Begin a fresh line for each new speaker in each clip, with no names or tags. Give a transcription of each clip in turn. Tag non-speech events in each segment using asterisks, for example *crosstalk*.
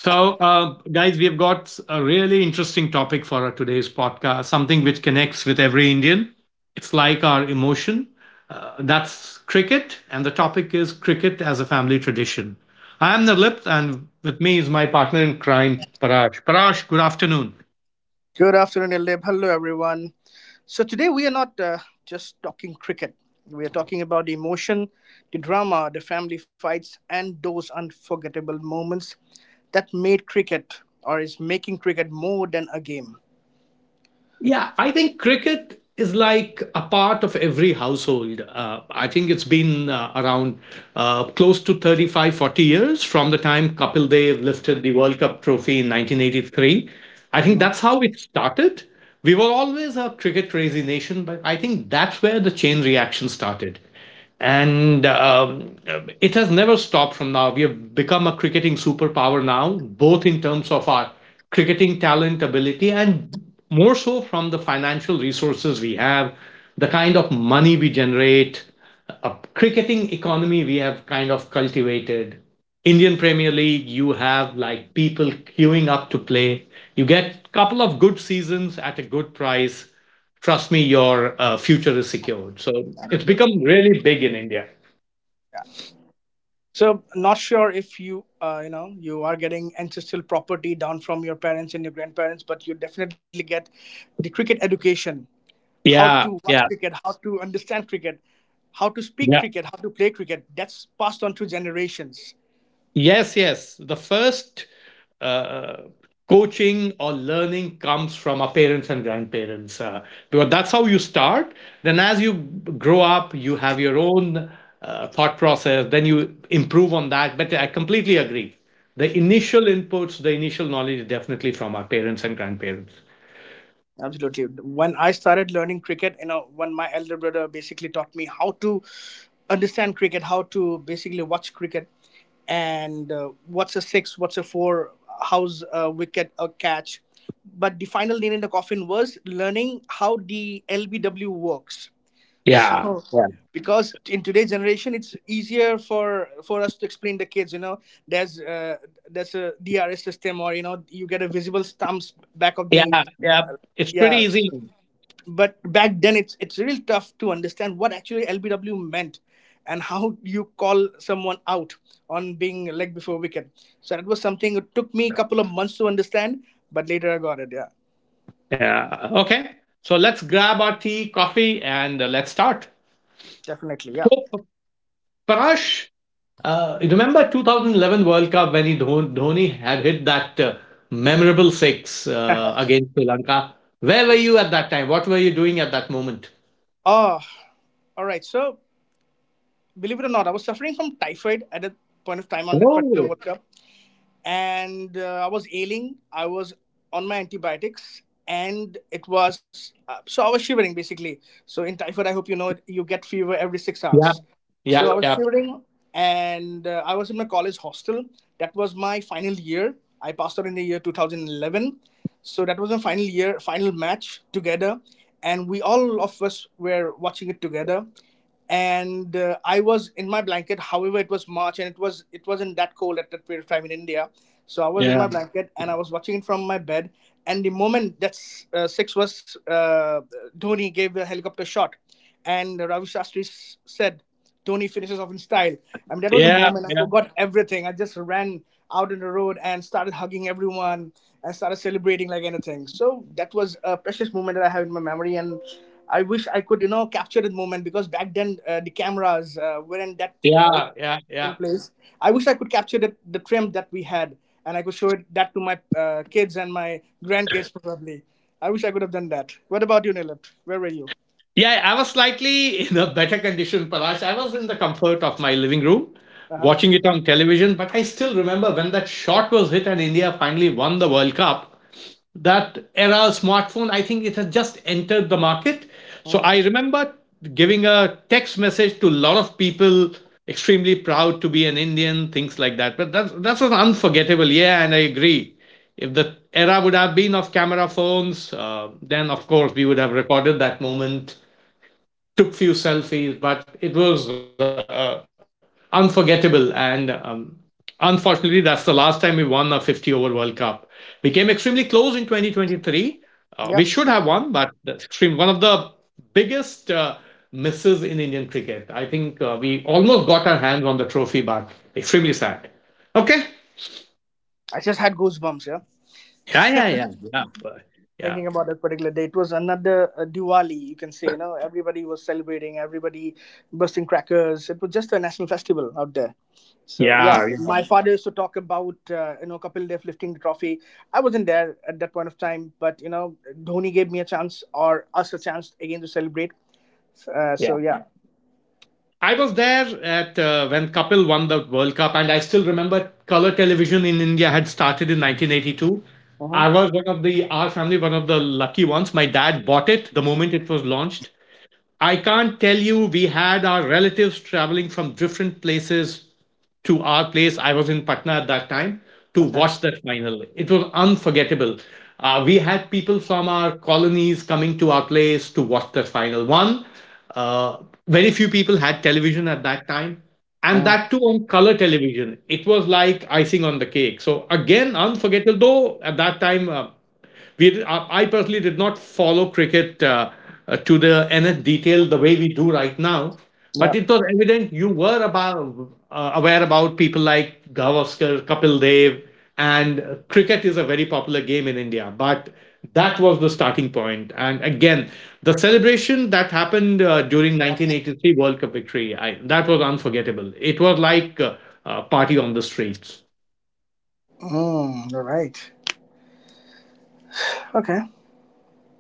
So, guys, we've got a really interesting topic for our today's podcast, something which connects with every Indian. It's like our emotion. That's cricket, and the topic is cricket as a family tradition. I am Nirlip, and with me is my partner in crime, Parash. Parash, good afternoon.
Good afternoon, Eleb. Hello, everyone. So, today we are not just talking cricket. We are talking about the emotion, the drama, the family fights, and those unforgettable moments that made cricket or is making cricket more than a game.
Yeah, I think cricket is like a part of every household. I think it's been around close to 35, 40 years from the time Kapil Dev lifted the World Cup trophy in 1983. I think that's how it started. We were always a cricket crazy nation, but I think that's where the chain reaction started and it has never stopped from now. We have become a cricketing superpower now, both in terms of our cricketing talent ability and more so from the financial resources we have, the kind of money we generate, a cricketing economy we have kind of cultivated. Indian Premier League, you have like people queuing up to play. You get a couple of good seasons at a good price, trust me, your future is secured. So it's become really big in India.
So, not sure if you you are getting ancestral property down from your parents and your grandparents, but you definitely get the cricket education: how to
Yeah,
watch
yeah,
cricket, how to understand cricket, how to speak
yeah.
cricket, how to play cricket. That's passed on to generations.
Yes, yes. The first uh, coaching or learning comes from our parents and grandparents because that's how you start. Then, as you grow up, you have your own thought process, then you improve on that. But I completely agree. The initial inputs, the initial knowledge is definitely from our parents and grandparents.
Absolutely. When I started learning cricket, you know, when my elder brother basically taught me how to understand cricket, how to basically watch cricket, and what's a six, what's a four, how's a wicket, a catch. But the final nail in the coffin was learning how the LBW works.
Yeah, yeah,
Because in today's generation, it's easier for us to explain the kids. You know, there's uh, there's a DRS system, or you know, you get a visible stumps back of the
yeah. Yeah. It's pretty
yeah,
easy.
but back then it's really tough to understand what actually LBW meant and how you call someone out on being leg before wicket. So that was something it took me a couple of months to understand, but later I got it. Yeah.
Yeah. Okay. So let's grab our tea, coffee, and let's start. So, Parash, remember 2011 World Cup when Dhoni had hit that memorable six against Sri Lanka? Where were you at that time? What were you doing at that moment?
Oh, all right. So believe it or not, I was suffering from typhoid at a point of time on that particular
Oh,
World Cup, and I was ailing. I was on my antibiotics. And it was so I was shivering basically. So in typhoid, I hope you know it, you get fever every six
yeah,
hours. So
yeah,
I was
yeah,
shivering, and I was in my college hostel. That was my final year. I passed out in the year 2011. So that was my final year, final match together, and we all of us were watching it together. And I was in my blanket. However, it was March, and it wasn't that cold at that period of time in India. So I was in
yeah,
my blanket, and I was watching it from my bed. And the moment that six was, Dhoni gave a helicopter shot, and Ravi Shastri said, "Tony finishes off in style." I mean, that was a
yeah,
moment I
yeah,
forgot everything. I just ran out on the road and started hugging everyone and started celebrating like anything. So that was a precious moment that I have in my memory, and I wish I could, you know, capture that moment because back then the cameras weren't that uh,
yeah, yeah, yeah.
in place. I wish I could capture the trim that we had, and I could show it that to my kids and my grandkids probably. I wish I could have done that. What about you, Nilip? Where were you?
Yeah, I was slightly in a better condition, Parash. I was in the comfort of my living room
Uh huh.
watching it on television, but I still remember when that shot was hit and India finally won the World Cup. That era smartphone, I think it had just entered the market. So
Oh.
I remember giving a text message to a lot of people, extremely proud to be an Indian, things like that. But that, that was unforgettable. Yeah, and I agree. If the era would have been of camera phones, then of course we would have recorded that moment, took few selfies, but it was unforgettable. And unfortunately, that's the last time we won a 50 over World Cup. We came extremely close in 2023. We should have
Yeah.
won, but that's extreme one of the biggest misses in Indian cricket. I think we almost got our hands on the trophy, but extremely sad. Okay.
I just had goosebumps. Yeah,
Yeah, yeah, yeah, yeah, yeah,
thinking about that particular day. It was another Diwali, you can say. You know, everybody was celebrating, everybody bursting crackers. It was just a national festival out there. So yeah,
yeah, yeah.
my father used to talk about you know, Kapil Dev lifting the trophy. I wasn't there at that point of time, but you know, Dhoni gave me a chance or us a chance again to celebrate. Uh,
Yeah.
so yeah.
I was there at when Kapil won the World Cup, and I still remember color television in India had started in 1982. I
Mm-hmm.
was one of the our family, one of the lucky ones. My dad bought it the moment it was launched, I can't tell you, we had our relatives traveling from different places to our place. I was in Patna at that time to
Okay.
watch that final. It was unforgettable. We had people from our colonies coming to our place to watch that final. One, uh, very few people had television at that time. And
Mm.
that too on color television. It was like icing on the cake. So, again, unforgettable, though at that time, I personally did not follow cricket to the nth detail the way we do right now,
Yeah.
but it was evident you were about aware about people like Gavaskar, Kapil Dev, and cricket is a very popular game in India. But that was the starting point, and again, the celebration that happened during 1983 World Cup victory, that was unforgettable. It was like a party on the streets.
Mm, all right. Okay.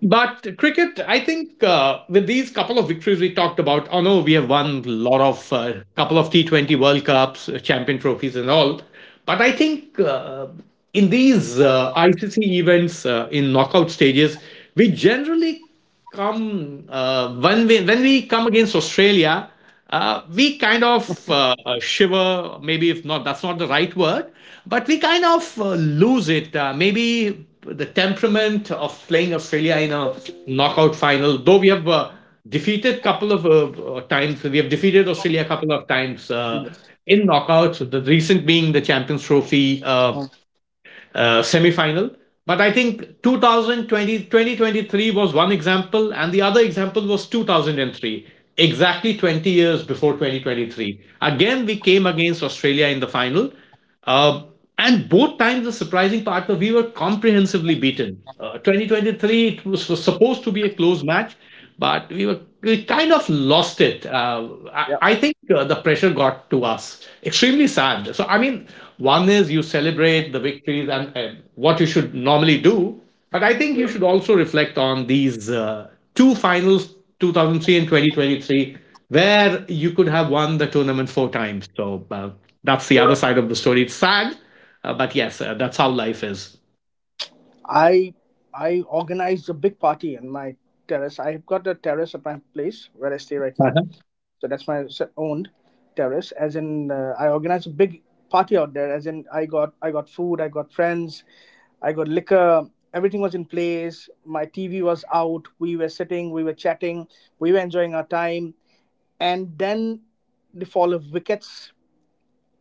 But cricket, I think with these couple of victories we talked about, oh no, we have won a lot of couple of T20 World Cups, champion trophies, and all. But I think in these ICC events in knockout stages, we generally come when we come against Australia, we kind of shiver. Maybe if not, that's not the right word, but we kind of lose it. Maybe the temperament of playing Australia in a knockout final, though we have defeated couple of times we have defeated Australia a couple of times in knockouts, the recent being the champions trophy semi-final. But I think 2020 2023 was one example, and the other example was 2003, exactly 20 years before 2023. Again, we came against Australia in the final. Uh, and both times, the surprising part was we were comprehensively beaten. 2023, it was supposed to be a close match, but we kind of lost it. I, I think the pressure got to us. Extremely sad. So I mean, one is you celebrate the victories and what you should normally do, but I think you should also reflect on these two finals, 2003 and 2023, where you could have won the tournament four times. So that's the other side of the story. It's sad, but yes, that's how life is.
I I organized a big party in my terrace. I've got a terrace at my place where I stay right now.
Uh-huh.
So that's my owned terrace. As in, I organized a big party out there. As in, I got food, I got friends, I got liquor. Everything was in place. My TV was out. We were sitting, we were chatting, we were enjoying our time. And then the fall of wickets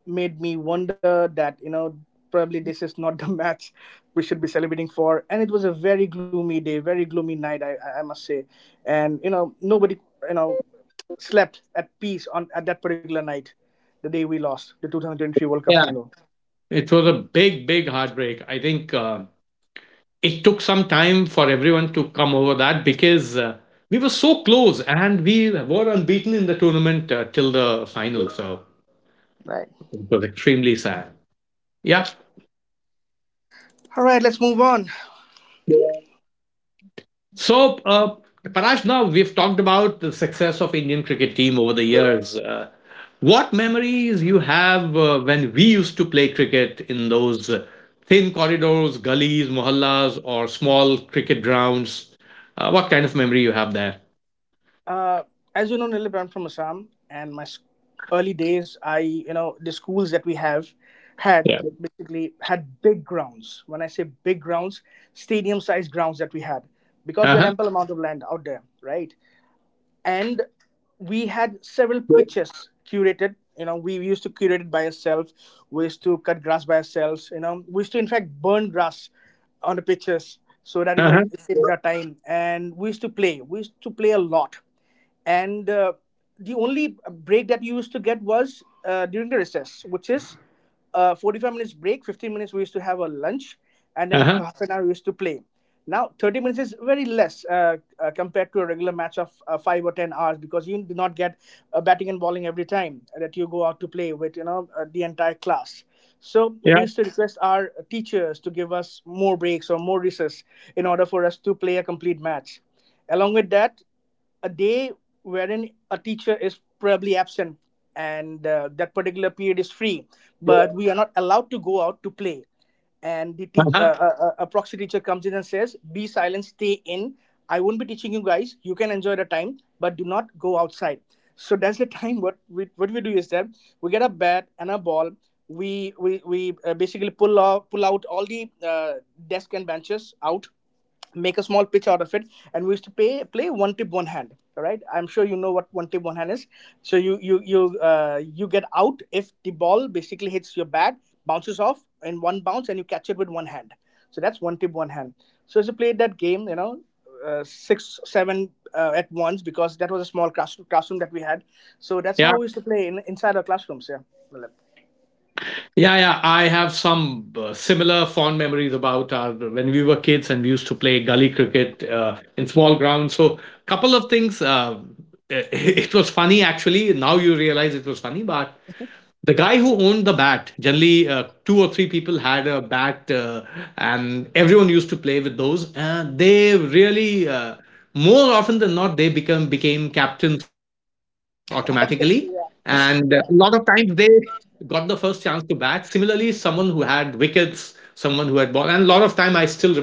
made me wonder that you know probably this is not the *laughs* match we should be celebrating for. And it was a very gloomy day, very gloomy night, I must say, and you know, nobody, you know, slept at peace on at that particular night, the day we lost the 2023 World Cup
Yeah.
final.
It was a big, big heartbreak. I think it took some time for everyone to come over that because we were so close and we were unbeaten in the tournament till the final. So
Right.
it was extremely sad. Yeah.
All right, let's move on.
So, Paraj, now we've talked about the success of Indian cricket team over the years. What memories you have when we used to play cricket in those thin corridors, gullies, mohallas, or small cricket grounds? What kind of memory you have there?
Uh, as you know, Nilip, I'm from Assam, and my early days, I, you know, the schools that we have had
Yeah.
basically had big grounds. When I say big grounds, stadium-sized grounds that we had, because
Uh
we had
huh.
ample amount of land out there, right? And we had several pictures curated. You know, we used to curate it by ourselves. We used to cut grass by ourselves. You know, we used to in fact burn grass on the pictures so that you know
Uh huh.
it saves our time. And we used to play, we used to play a lot. And the only break that you used to get was during the recess, which is 45 minutes break. 15 minutes we used to have a lunch, and then *laughs*
Uh-huh.
half an hour we used to play. Now 30 minutes is very less, compared to a regular match of 5 or 10 hours, because you do not get batting and bowling every time that you go out to play with, you know, the entire class. So
Yeah.
we used to request our teachers to give us more breaks or more recess in order for us to play a complete match. Along with that, a day wherein a teacher is probably absent, and that particular period is free, but we are not allowed to go out to play, and
Uh-huh.
a proxy teacher comes in and says, "Be silent, stay in. I won't be teaching you guys. You can enjoy the time, but do not go outside." So that's the *laughs* time. What we do is that we get a bat and a ball. We basically pull out all the desk and benches out, make a small pitch out of it, and we used to play one tip one hand. All right, I'm sure you know what one tip one hand is. So you get out if the ball basically hits your bat, bounces off in one bounce, and you catch it with one hand. So that's one tip one hand. So as you played that game, you know, six seven at once, because that was a small classroom that we had. So that's
Yeah.
how we used to play inside our classrooms, yeah, Malib.
Yeah, yeah. I have some similar fond memories about our, when we were kids and we used to play gully cricket in small grounds. So, couple of things. *laughs* It was funny actually. Now you realize it was funny, but the guy who owned the bat, generally two or three people had a bat, and everyone used to play with those they really, more often than not, they become became captains automatically,
*laughs*
and a
Obviously,
lot
yeah,
of times they
yeah.
got the first chance to bat. Similarly, someone who had wickets, someone who had ball, and a lot of time I still remember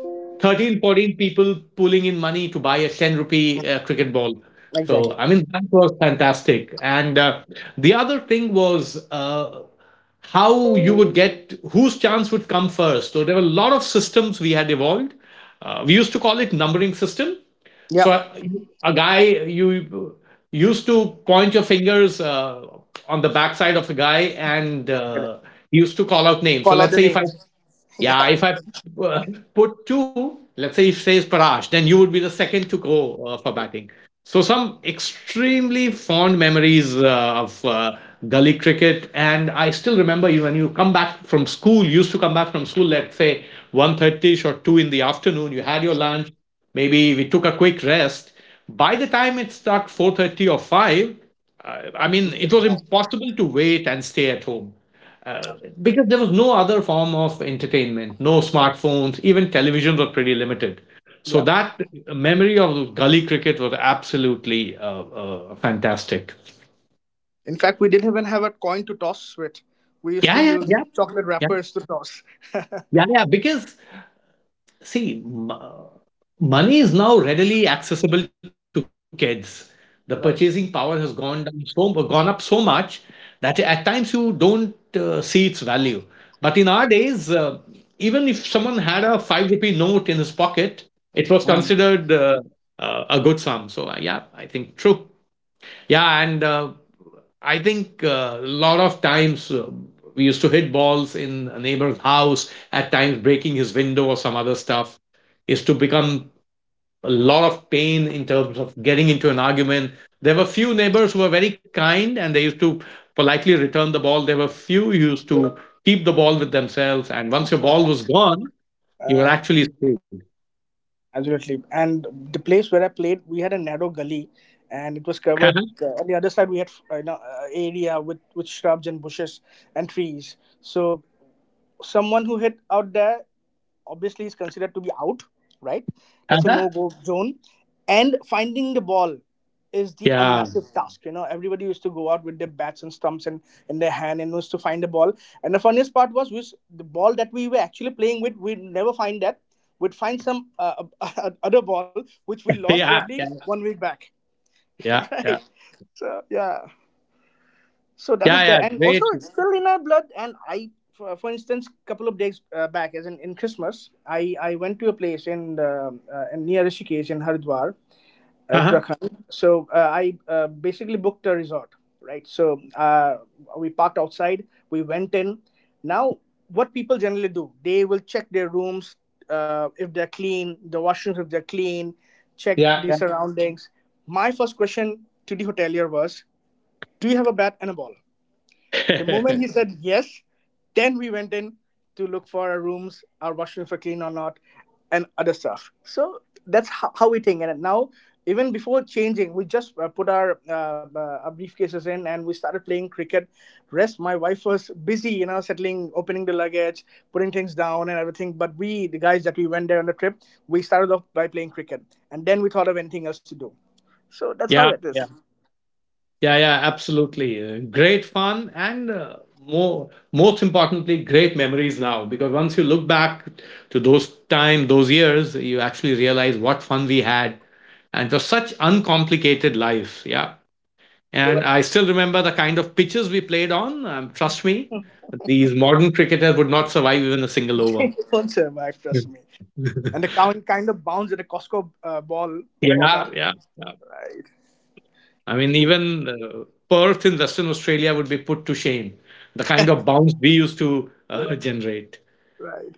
13, 14 people pulling in money to buy a 10 rupee cricket ball. So, I
Exactly.
mean, that was fantastic. And the other thing was how you would get whose chance would come first. So, there were a lot of systems we had evolved. We used to call it numbering system. So,
Yeah.
a guy, you used to point your fingers on the backside of a guy, and
Correct.
he used to call out names. So,
Call out
let's
the
say if I,
names. *laughs* Yeah.
yeah, if I uh, put two, let's say if says Parash, then you would be the second to go for batting. So some extremely fond memories of gully cricket, and I still remember you when you come back from school. You used to come back from school, let's say 1:30-ish or two in the afternoon. You had your lunch. Maybe we took a quick rest. By the time it struck 4:30 or 5, I
We
mean
still
it was impossible to wait and stay at home uh,
know.
because there was no other form of entertainment, no smartphones, even television was pretty limited.
Yeah.
So that memory of gully cricket was absolutely fantastic.
In fact, we didn't even have a coin to toss with. We used to
Yeah, yeah,
use
yeah,
chocolate
yeah,
wrappers to toss. *laughs*
yeah, yeah. Because see money is now readily accessible to kids, the purchasing power has
Right.
gone down, so gone up so much that at times you don't see its value, but in our days, even if someone had a 5 rupee note in his pocket, it was
Mm.
considered a good sum. So yeah, I think true. Yeah, and I think a lot of times we used to hit balls in a neighbor's house, at times breaking his window or some other stuff, is to become a lot of pain in terms of getting into an argument. There were few neighbors who were very kind and they used to politely return the ball. There were few who used to keep the ball with themselves. And once your ball was gone, you were
Uh,
actually screwed.
absolutely. And the place where I played, we had a narrow gully, and it was covered.
*laughs*
On the other side, we had area with shrubs and bushes and trees. So someone who hit out there obviously is considered to be out, right? That's a
Yeah.
no go zone. And finding the ball is the a
Yeah. Yeah.
massive task. You know, everybody used to go out with their bats and stumps and in their hand and used to find the ball. And the funniest part was the ball that we were actually playing with, we'd never find that. We'd find some *laughs* other ball which we lost
Yeah.
probably one week back, *laughs*
Yeah.
right?
Yeah.
So yeah. So that was there,
Yeah.
and
Great.
also it's still in our blood. And I, for instance, couple of days back, as in Christmas, I went to a place in the in near Rishikesh in Haridwar,
Uh-huh.
Uttarakhand. So I basically booked a resort, right? So we parked outside, we went in. Now, what people generally do, they will check their rooms if they're clean, the washrooms if they're clean, check the
Yeah.
surroundings. My first question to the hotelier was, "Do you have a bat and a ball?" The moment he
*laughs*
said yes, then we went in to look for our rooms, our washrooms were clean or not, and other stuff. So that's how we think. And now, even before changing, we just put our briefcases in and we started playing cricket. Rest, my wife was busy, you know, settling, opening the luggage, putting things down and everything. But we, the guys that we went there on the trip, we started off by playing cricket. And then we thought of anything else to do. So that's how
Yeah,
it is.
yeah,
*laughs*
yeah, yeah, absolutely. Great fun and most importantly, great memories now. Because once you look back to those time, those years, you actually realize what fun we had, and it was such uncomplicated life. Yeah, and I still remember the kind of pitches we played on. Trust me, these modern cricketers would not survive even a single over.
It won't survive, trust me. And the
*laughs*
cow kind of bounced at a Costco ball brought
Yeah,
up.
yeah.
Right.
I mean,
Absolutely.
even Perth in Western Australia would be put to shame. The kind of bounce we used to generate.
Right.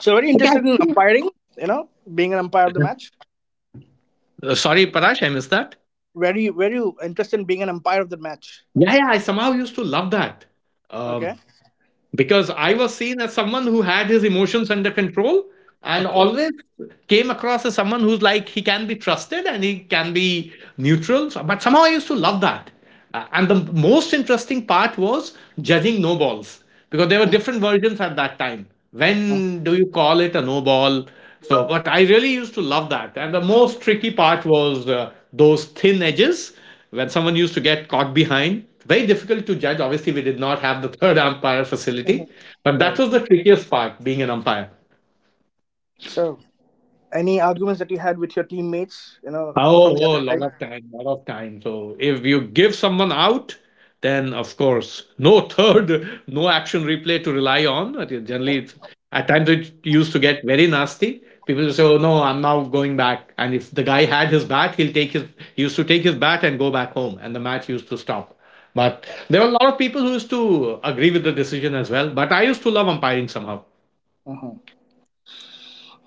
So very
Okay.
interested in umpiring. You know, being an umpire of the
*laughs*
match.
Sorry, Parash, I missed that.
Very, very interested in being an umpire of the match.
Yeah, yeah, I somehow used to love that, um,
Okay.
because I was seen as someone who had his emotions under control and
Okay.
always came across as someone who's like he can be trusted and he can be neutral. But somehow I used to love that. And the most interesting part was judging no balls because there were
Mhm.
different versions at that time. When do you call it a no ball? So, but I really used to love that. And the most tricky part was those thin edges when someone used to get caught behind. Very difficult to judge. Obviously, we did not have the third umpire
Mhm.
facility, but that
Right.
was the trickiest part being an umpire.
So, any arguments that you had with your teammates, you know, from
Oh,
the
oh,
other
lot
side?
of time, lot of time. So if you give someone out, then of course, no third, *laughs* no action replay to rely on. Generally, at times it used to get very nasty. People say, "Oh no, I'm now going back." And if the guy had his bat, he'll take his. He used to take his bat and go back home, and the match used to stop. But there were a lot of people who used to agree with the decision as well. But I used to love umpiring somehow.
Mhm.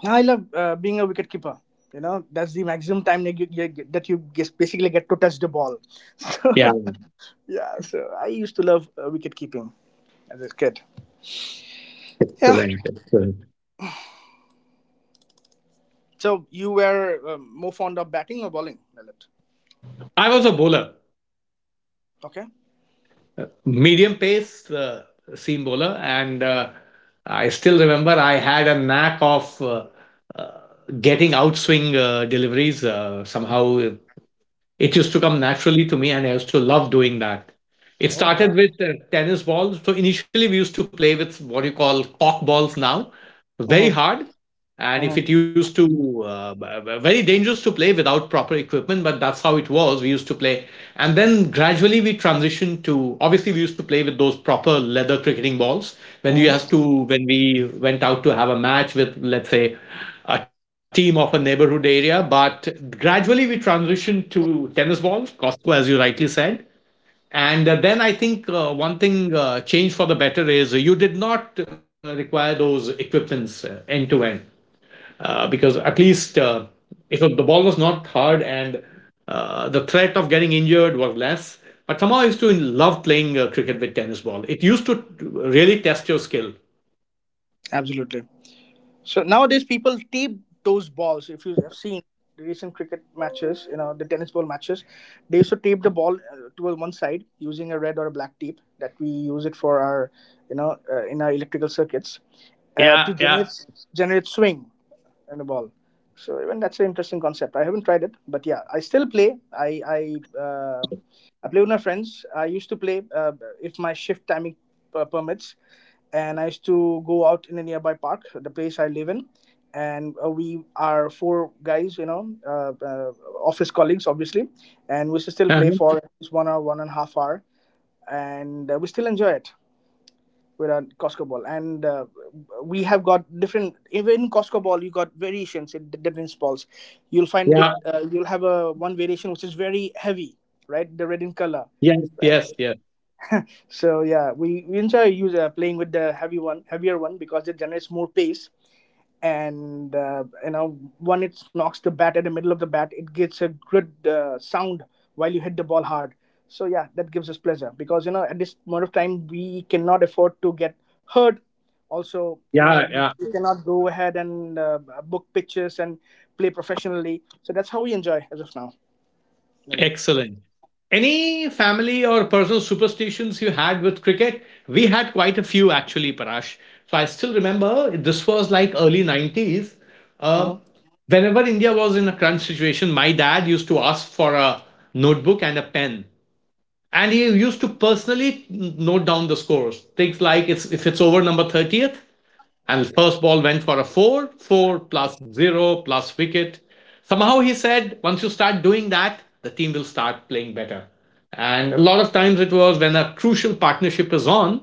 I love being a wicketkeeper. You know, that's the maximum time that you basically get to touch the ball. *laughs* So,
Yeah,
yeah, so I used to love wicket keeping as a kid. Yeah,
excellent, excellent.
so you were more fond of batting or bowling, Lalit?
I was a bowler.
Okay.
Medium pace seam bowler, and I still remember I had a knack of uh, getting outswing deliveries. Somehow, it used to come naturally to me, and I used to love doing that. It
Oh wow.
started with tennis balls. So initially, we used to play with what you call cock balls now,
Mm-hmm.
very hard. And
Mm-hmm.
if it used to, very dangerous to play without proper equipment, but that's how it was. We used to play. And then gradually we transitioned to, obviously, we used to play with those proper leather cricketing balls, when we
Hmm.
has to when we went out to have a match with, let's say, a team of a neighborhood area. But gradually we transitioned to tennis balls, costco, as you rightly said. And then I think, one thing changed for the better is you did not require those equipments end to end. Because at least, if the ball was not hard and the threat of getting injured was less. But somehow I used to love playing cricket with tennis ball. It used to really test your skill.
Absolutely. So nowadays people tape those balls. If you have seen the recent cricket matches, you know, the tennis ball matches, they used to tape the ball towards one side using a red or a black tape that we use it for our, you know, in our electrical circuits
Yeah,
to
yeah.
generate swing and a ball. So even that's an interesting concept. I haven't tried it, but yeah, I still play. I play with my friends. I used to play if my shift timing permits, and I used to go out in a nearby park, the place I live in, and we are four guys, you know, office colleagues, obviously, and we still
Uh-huh.
play for at least 1 hour, 1.5 hours, and we still enjoy it with a Costco ball, and we have got different. Even in Costco ball, you got variations in the different balls. You'll find it.
Yeah.
You'll have a one variation which is very heavy, right? The red in color,
Yes,
right?
yes, yes.
So yeah, we playing with the heavy one, heavier one because it generates more pace. And you know, when it knocks the bat at the middle of the bat, it gets a good sound while you hit the ball hard. So yeah, that gives us pleasure because you know at this moment of time we cannot afford to get hurt. Also, you know,
Yeah, yeah.
you cannot go ahead and book pitches and play professionally. So that's how we enjoy as of now. Nilit.
Excellent. Any family or personal superstitions you had with cricket? We had quite a few actually, Parash. So I still remember this was like early 90s. Uh,
Mhm.
whenever India was in a crunch situation, my dad used to ask for a notebook and a pen. And he used to personally note down the scores. Things like if it's over number 30th, and the first ball went for a four, four plus zero plus wicket. Somehow he said, once you start doing that, the team will start playing better. And a lot of times it was when a crucial partnership is on,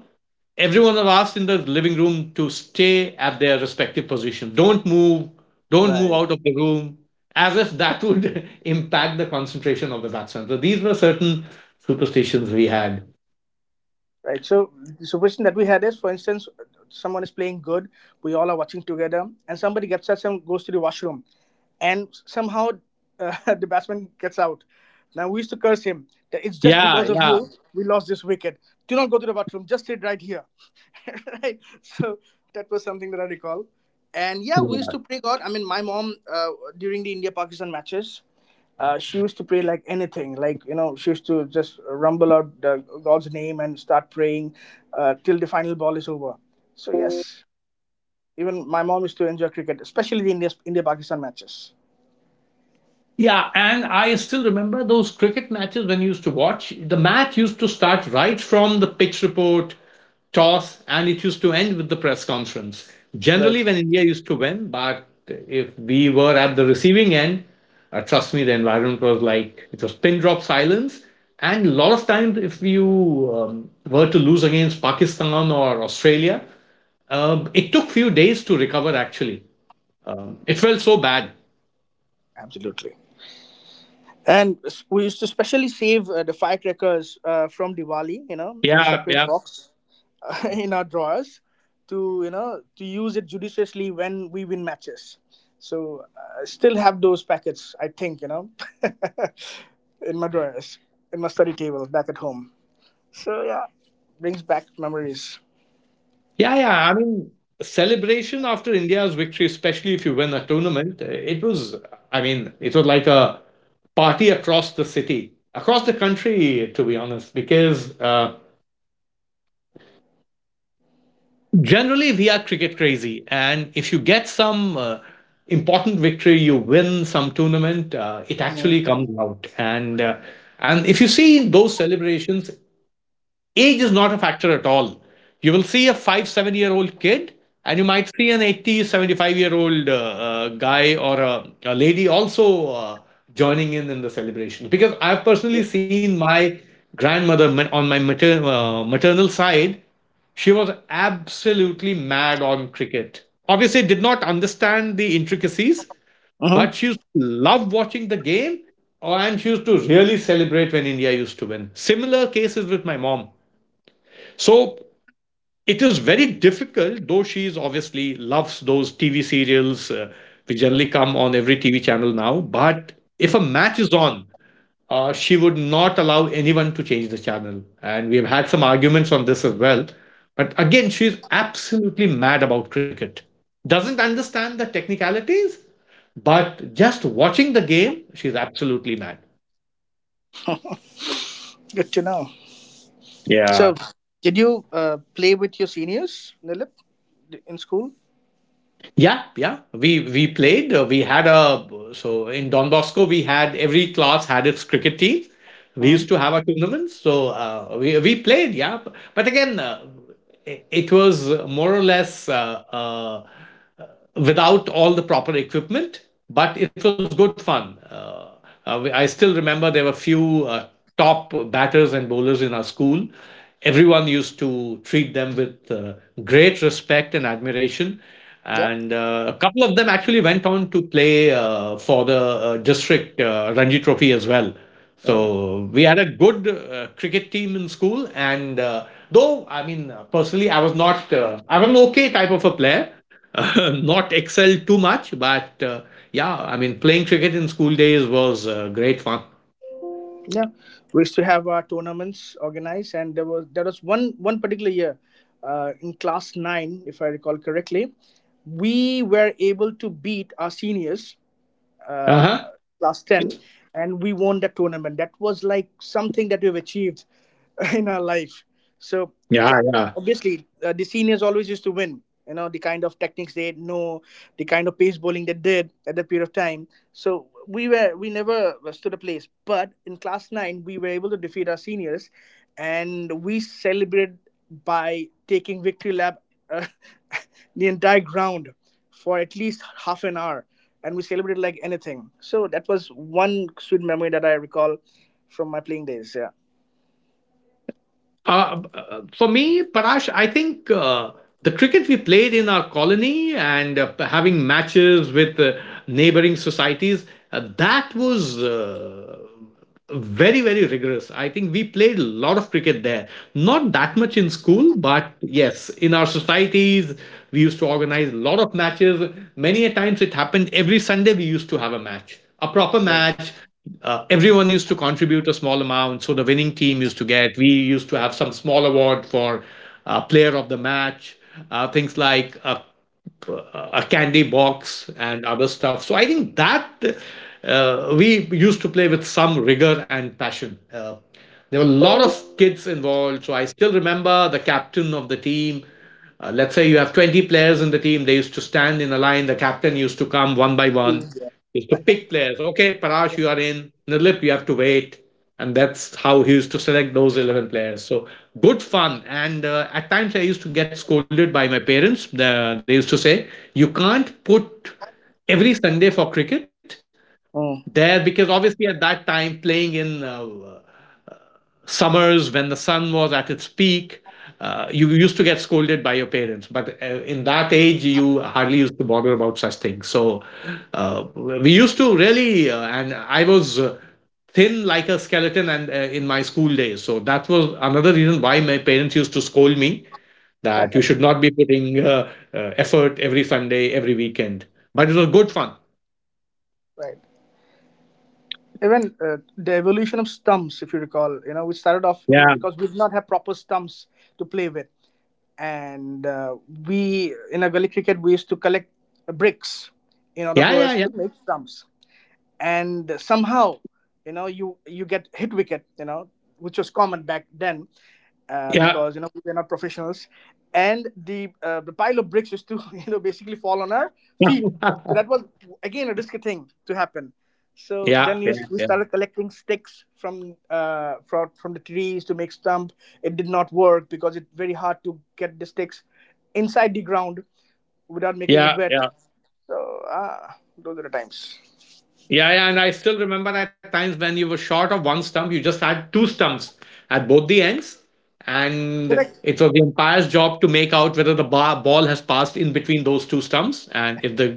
everyone was asked in the living room to stay at their respective position. Don't move
Right.
out of the room, as if that would *laughs* impact the concentration of the batsman. So these were certain superstitions we had.
Right. So the superstition that we had is, for instance, someone is playing good, we all are watching together, and somebody gets up and goes to the washroom, and somehow *laughs* the batsman gets out. Now we used to curse him that it's just
Yeah,
because of
yeah.
you we lost this wicket. Do not go to the bathroom. Just sit right here. *laughs* Right. So that was something that I recall. And yeah, we used to pray God. I mean, my mom during the India Pakistan matches she used to pray like anything, like, you know, she used to just rumble out the god's name and start praying till the final ball is over. So yes, even my mom used to enjoy cricket, especially the India Pakistan matches.
Yeah, and I still remember those cricket matches when you used to watch. The match used to start right from the pitch report, toss, and it used to end with the press conference.
Right.
Generally, when India used to win, but if we were at the receiving end, trust me, the environment was like it was pin drop silence. And a lot of times, if you were to lose against Pakistan or Australia, it took few days to recover. Actually, it felt so bad.
Absolutely. And we used to specially save the firecrackers from Diwali, you know, in a
Yeah,
separate
yeah.
box, *laughs* in our drawers, to, you know, to use it judiciously when we win matches. So I still have those packets, I think, you know, *laughs* in my drawers, in my study table back at home. So yeah, brings back memories.
Yeah, yeah. I mean, celebration after India's victory, especially if you win a tournament, it was, I mean, it was like a party across the city, across the country, to be honest, because generally we are cricket crazy. And if you get some important victory, you win some tournament, it actually
Mm-hmm.
comes out. And if you see those celebrations, age is not a factor at all. You will see a five, 7-year old kid, and you might see an 8075 year old guy or a lady also joining in the celebration. Because I've personally seen my grandmother on my maternal side, she was absolutely mad on cricket. Obviously, did not understand the intricacies, but she used to love watching the game and she used to really celebrate when India used to win. Similar cases with my mom. So it is very difficult, though she is obviously loves those TV serials which generally come on every TV channel now. But if a match is on, she would not allow anyone to change the channel. And we have had some arguments on this as well. But again, she's absolutely mad about cricket. Doesn't understand the technicalities, but just watching the game, she's absolutely mad.
Good to know.
Yeah,
So, did you play with your seniors, Nilip, in school?
yeah, yeah. We played. We had a So in Don Bosco, we had every class had its cricket team, we used
Mm-hmm.
to have our tournaments. So we played, yeah. But again, it was more or less, without all the proper equipment, but it was good fun. I still remember there were few top batters and bowlers in our school. Everyone used to treat them with great respect and admiration,
Yep.
and a couple of them actually went on to play for the district Ranji Trophy as well.
Oh.
So we had a good cricket team in school, and though I mean, personally, I was not I'm an okay type of a player, *laughs* not excelled too much, but yeah, I mean playing cricket in school days was great fun.
Yeah, we used to have our tournaments organized, and there was one particular year in class 9, if I recall correctly, we were able to beat our seniors, uh,
Uh huh.
class 10, and we won that tournament. That was like something that we've achieved *laughs* in our life. So
Yeah, yeah.
obviously the seniors always used to win, you know, the kind of techniques they know, the kind of pace bowling they did at that period of time. So we never stood a place, but in class 9 we were able to defeat our seniors, and we celebrated by taking victory lap, uh, *laughs* the entire ground, for at least half an hour, and we celebrated like anything. So that was one sweet memory that I recall from my playing days. Yeah.
For me, Parash, I think, the cricket we played in our colony and having matches with neighboring societies, that was, very, very rigorous. I think we played a lot of cricket there. Not that much in school, but yes, in our societies, we used to organize a lot of matches. Many a times it happened every Sunday, we used to have a match, a proper match. Everyone used to contribute a small amount, so the winning team used to get we used to have some small award for player of the match. Things like a candy box and other stuff. So I think that, we used to play with some rigor and passion. There were a lot of kids involved. So I still remember the captain of the team, let's say you have 20 players in the team. They used to stand in a line. The captain used to come one by one.
Yeah.
He used to pick players. Okay, Parash, you are in. Nilip, you have to wait. And that's how he used to select those 11 players. So good fun. And at times I used to get scolded by my parents. They used to say, "You can't put every Sunday for cricket there,"
Mm.
because obviously at that time playing in summers when the sun was at its peak, you used to get scolded by your parents. But in that age, you hardly used to bother about such things. So we used to really, and I was. Thin like a skeleton, and in my school days, so that was another reason why my parents used to scold me that you should not be putting effort every Sunday every weekend. But it was good fun.
Right. Even the evolution of stumps, if you recall, you know, we started off in,
Yeah,
because we did not have proper stumps to play with, and we in a gully cricket we used to collect bricks in order for
yeah,
us to
yeah,
make stumps. And somehow, you know, you get hit wicket, you know, which was common back then,
yeah,
because you know we were not professionals, and the pile of bricks used to *laughs* you know basically fall on our feet.
yeah.
So
*laughs*
that was again a risky thing to happen. So
Yeah,
then
yeah,
we
yeah,
started collecting sticks from from the trees to make stump. It did not work because it's very hard to get the sticks inside the ground without making it
yeah,
wet.
yeah.
So ah, those are the times.
Yeah, yeah, and I still remember that times when you were short of one stump, you just had two stumps at both the ends, and
Correct.
it was the umpire's job to make out whether the ball has passed in between those two stumps and if the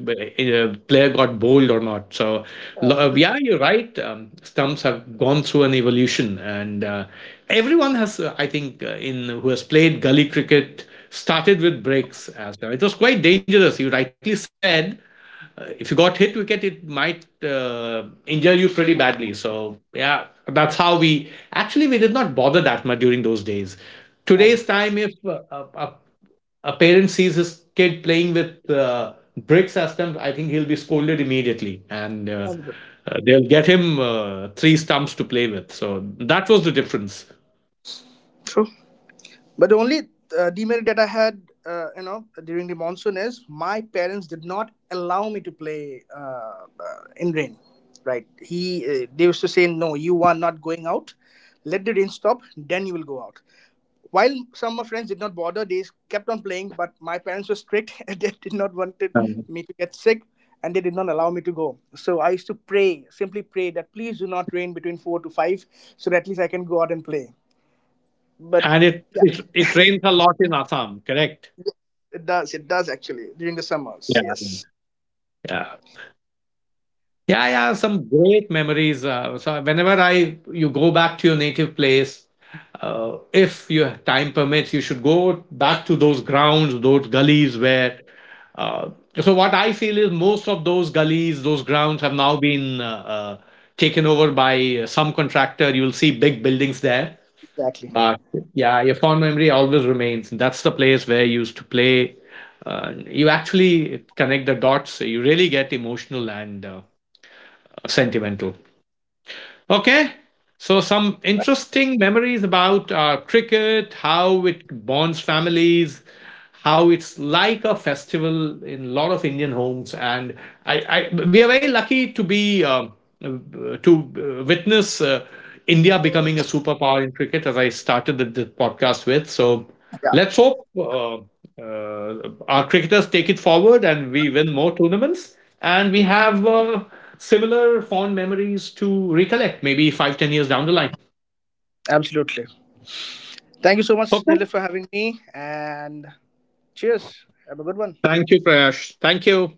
player got bowled or not. Yeah, you're right. Stumps have gone through an evolution, and everyone has, I think, in who has played gully cricket started with breaks as well. It was quite dangerous. You rightly said, if you got hit wicket, it might injure you pretty badly. So yeah, that's how we did not bother that much during those days. Today's time, if a parent sees his kid playing with bricks as them, I think he'll be scolded immediately, and they'll get him three stumps to play with. So that was the difference.
True. But the only demerit that I had, you know, during the monsoon is my parents did not allow me to play in rain. Right? He They used to say, "No, you are not going out. Let the rain stop, then you will go out." While some of my friends did not bother, they kept on playing. But my parents were strict; *laughs* and they did not wanted
Um,
me to get sick, and they did not allow me to go. So I used to pray, simply pray that please do not rain between 4 to 5, so that at least I can go out and play. But
and it rains a lot in Assam, correct?
it does. It does actually, during the summers,
Yeah.
yes.
Yeah. Yeah, yeah, some great memories. So whenever I you go back to your native place, if your time permits, you should go back to those grounds, those gullies where. Uh, so what I feel is most of those gullies, those grounds have now been taken over by some contractor. You'll see big buildings there,
Exactly.
but yeah, your fond memory always remains. That's the place where you used to play. You actually connect the dots. So you really get emotional and. Sentimental. Okay. So, some interesting memories about cricket, how it bonds families, how it's like a festival in a lot of Indian homes. And I we are very lucky to be uh, to witness India becoming a superpower in cricket, as I started the podcast with. So,
Yeah.
let's hope uh, our cricketers take it forward and we win more tournaments. And we have similar fond memories to recollect maybe five, 10 years down the line.
Absolutely. Thank you so much,
Okay.
Nilay, for having me, and cheers, have a good one.
Thank you, Prayash. Thank you.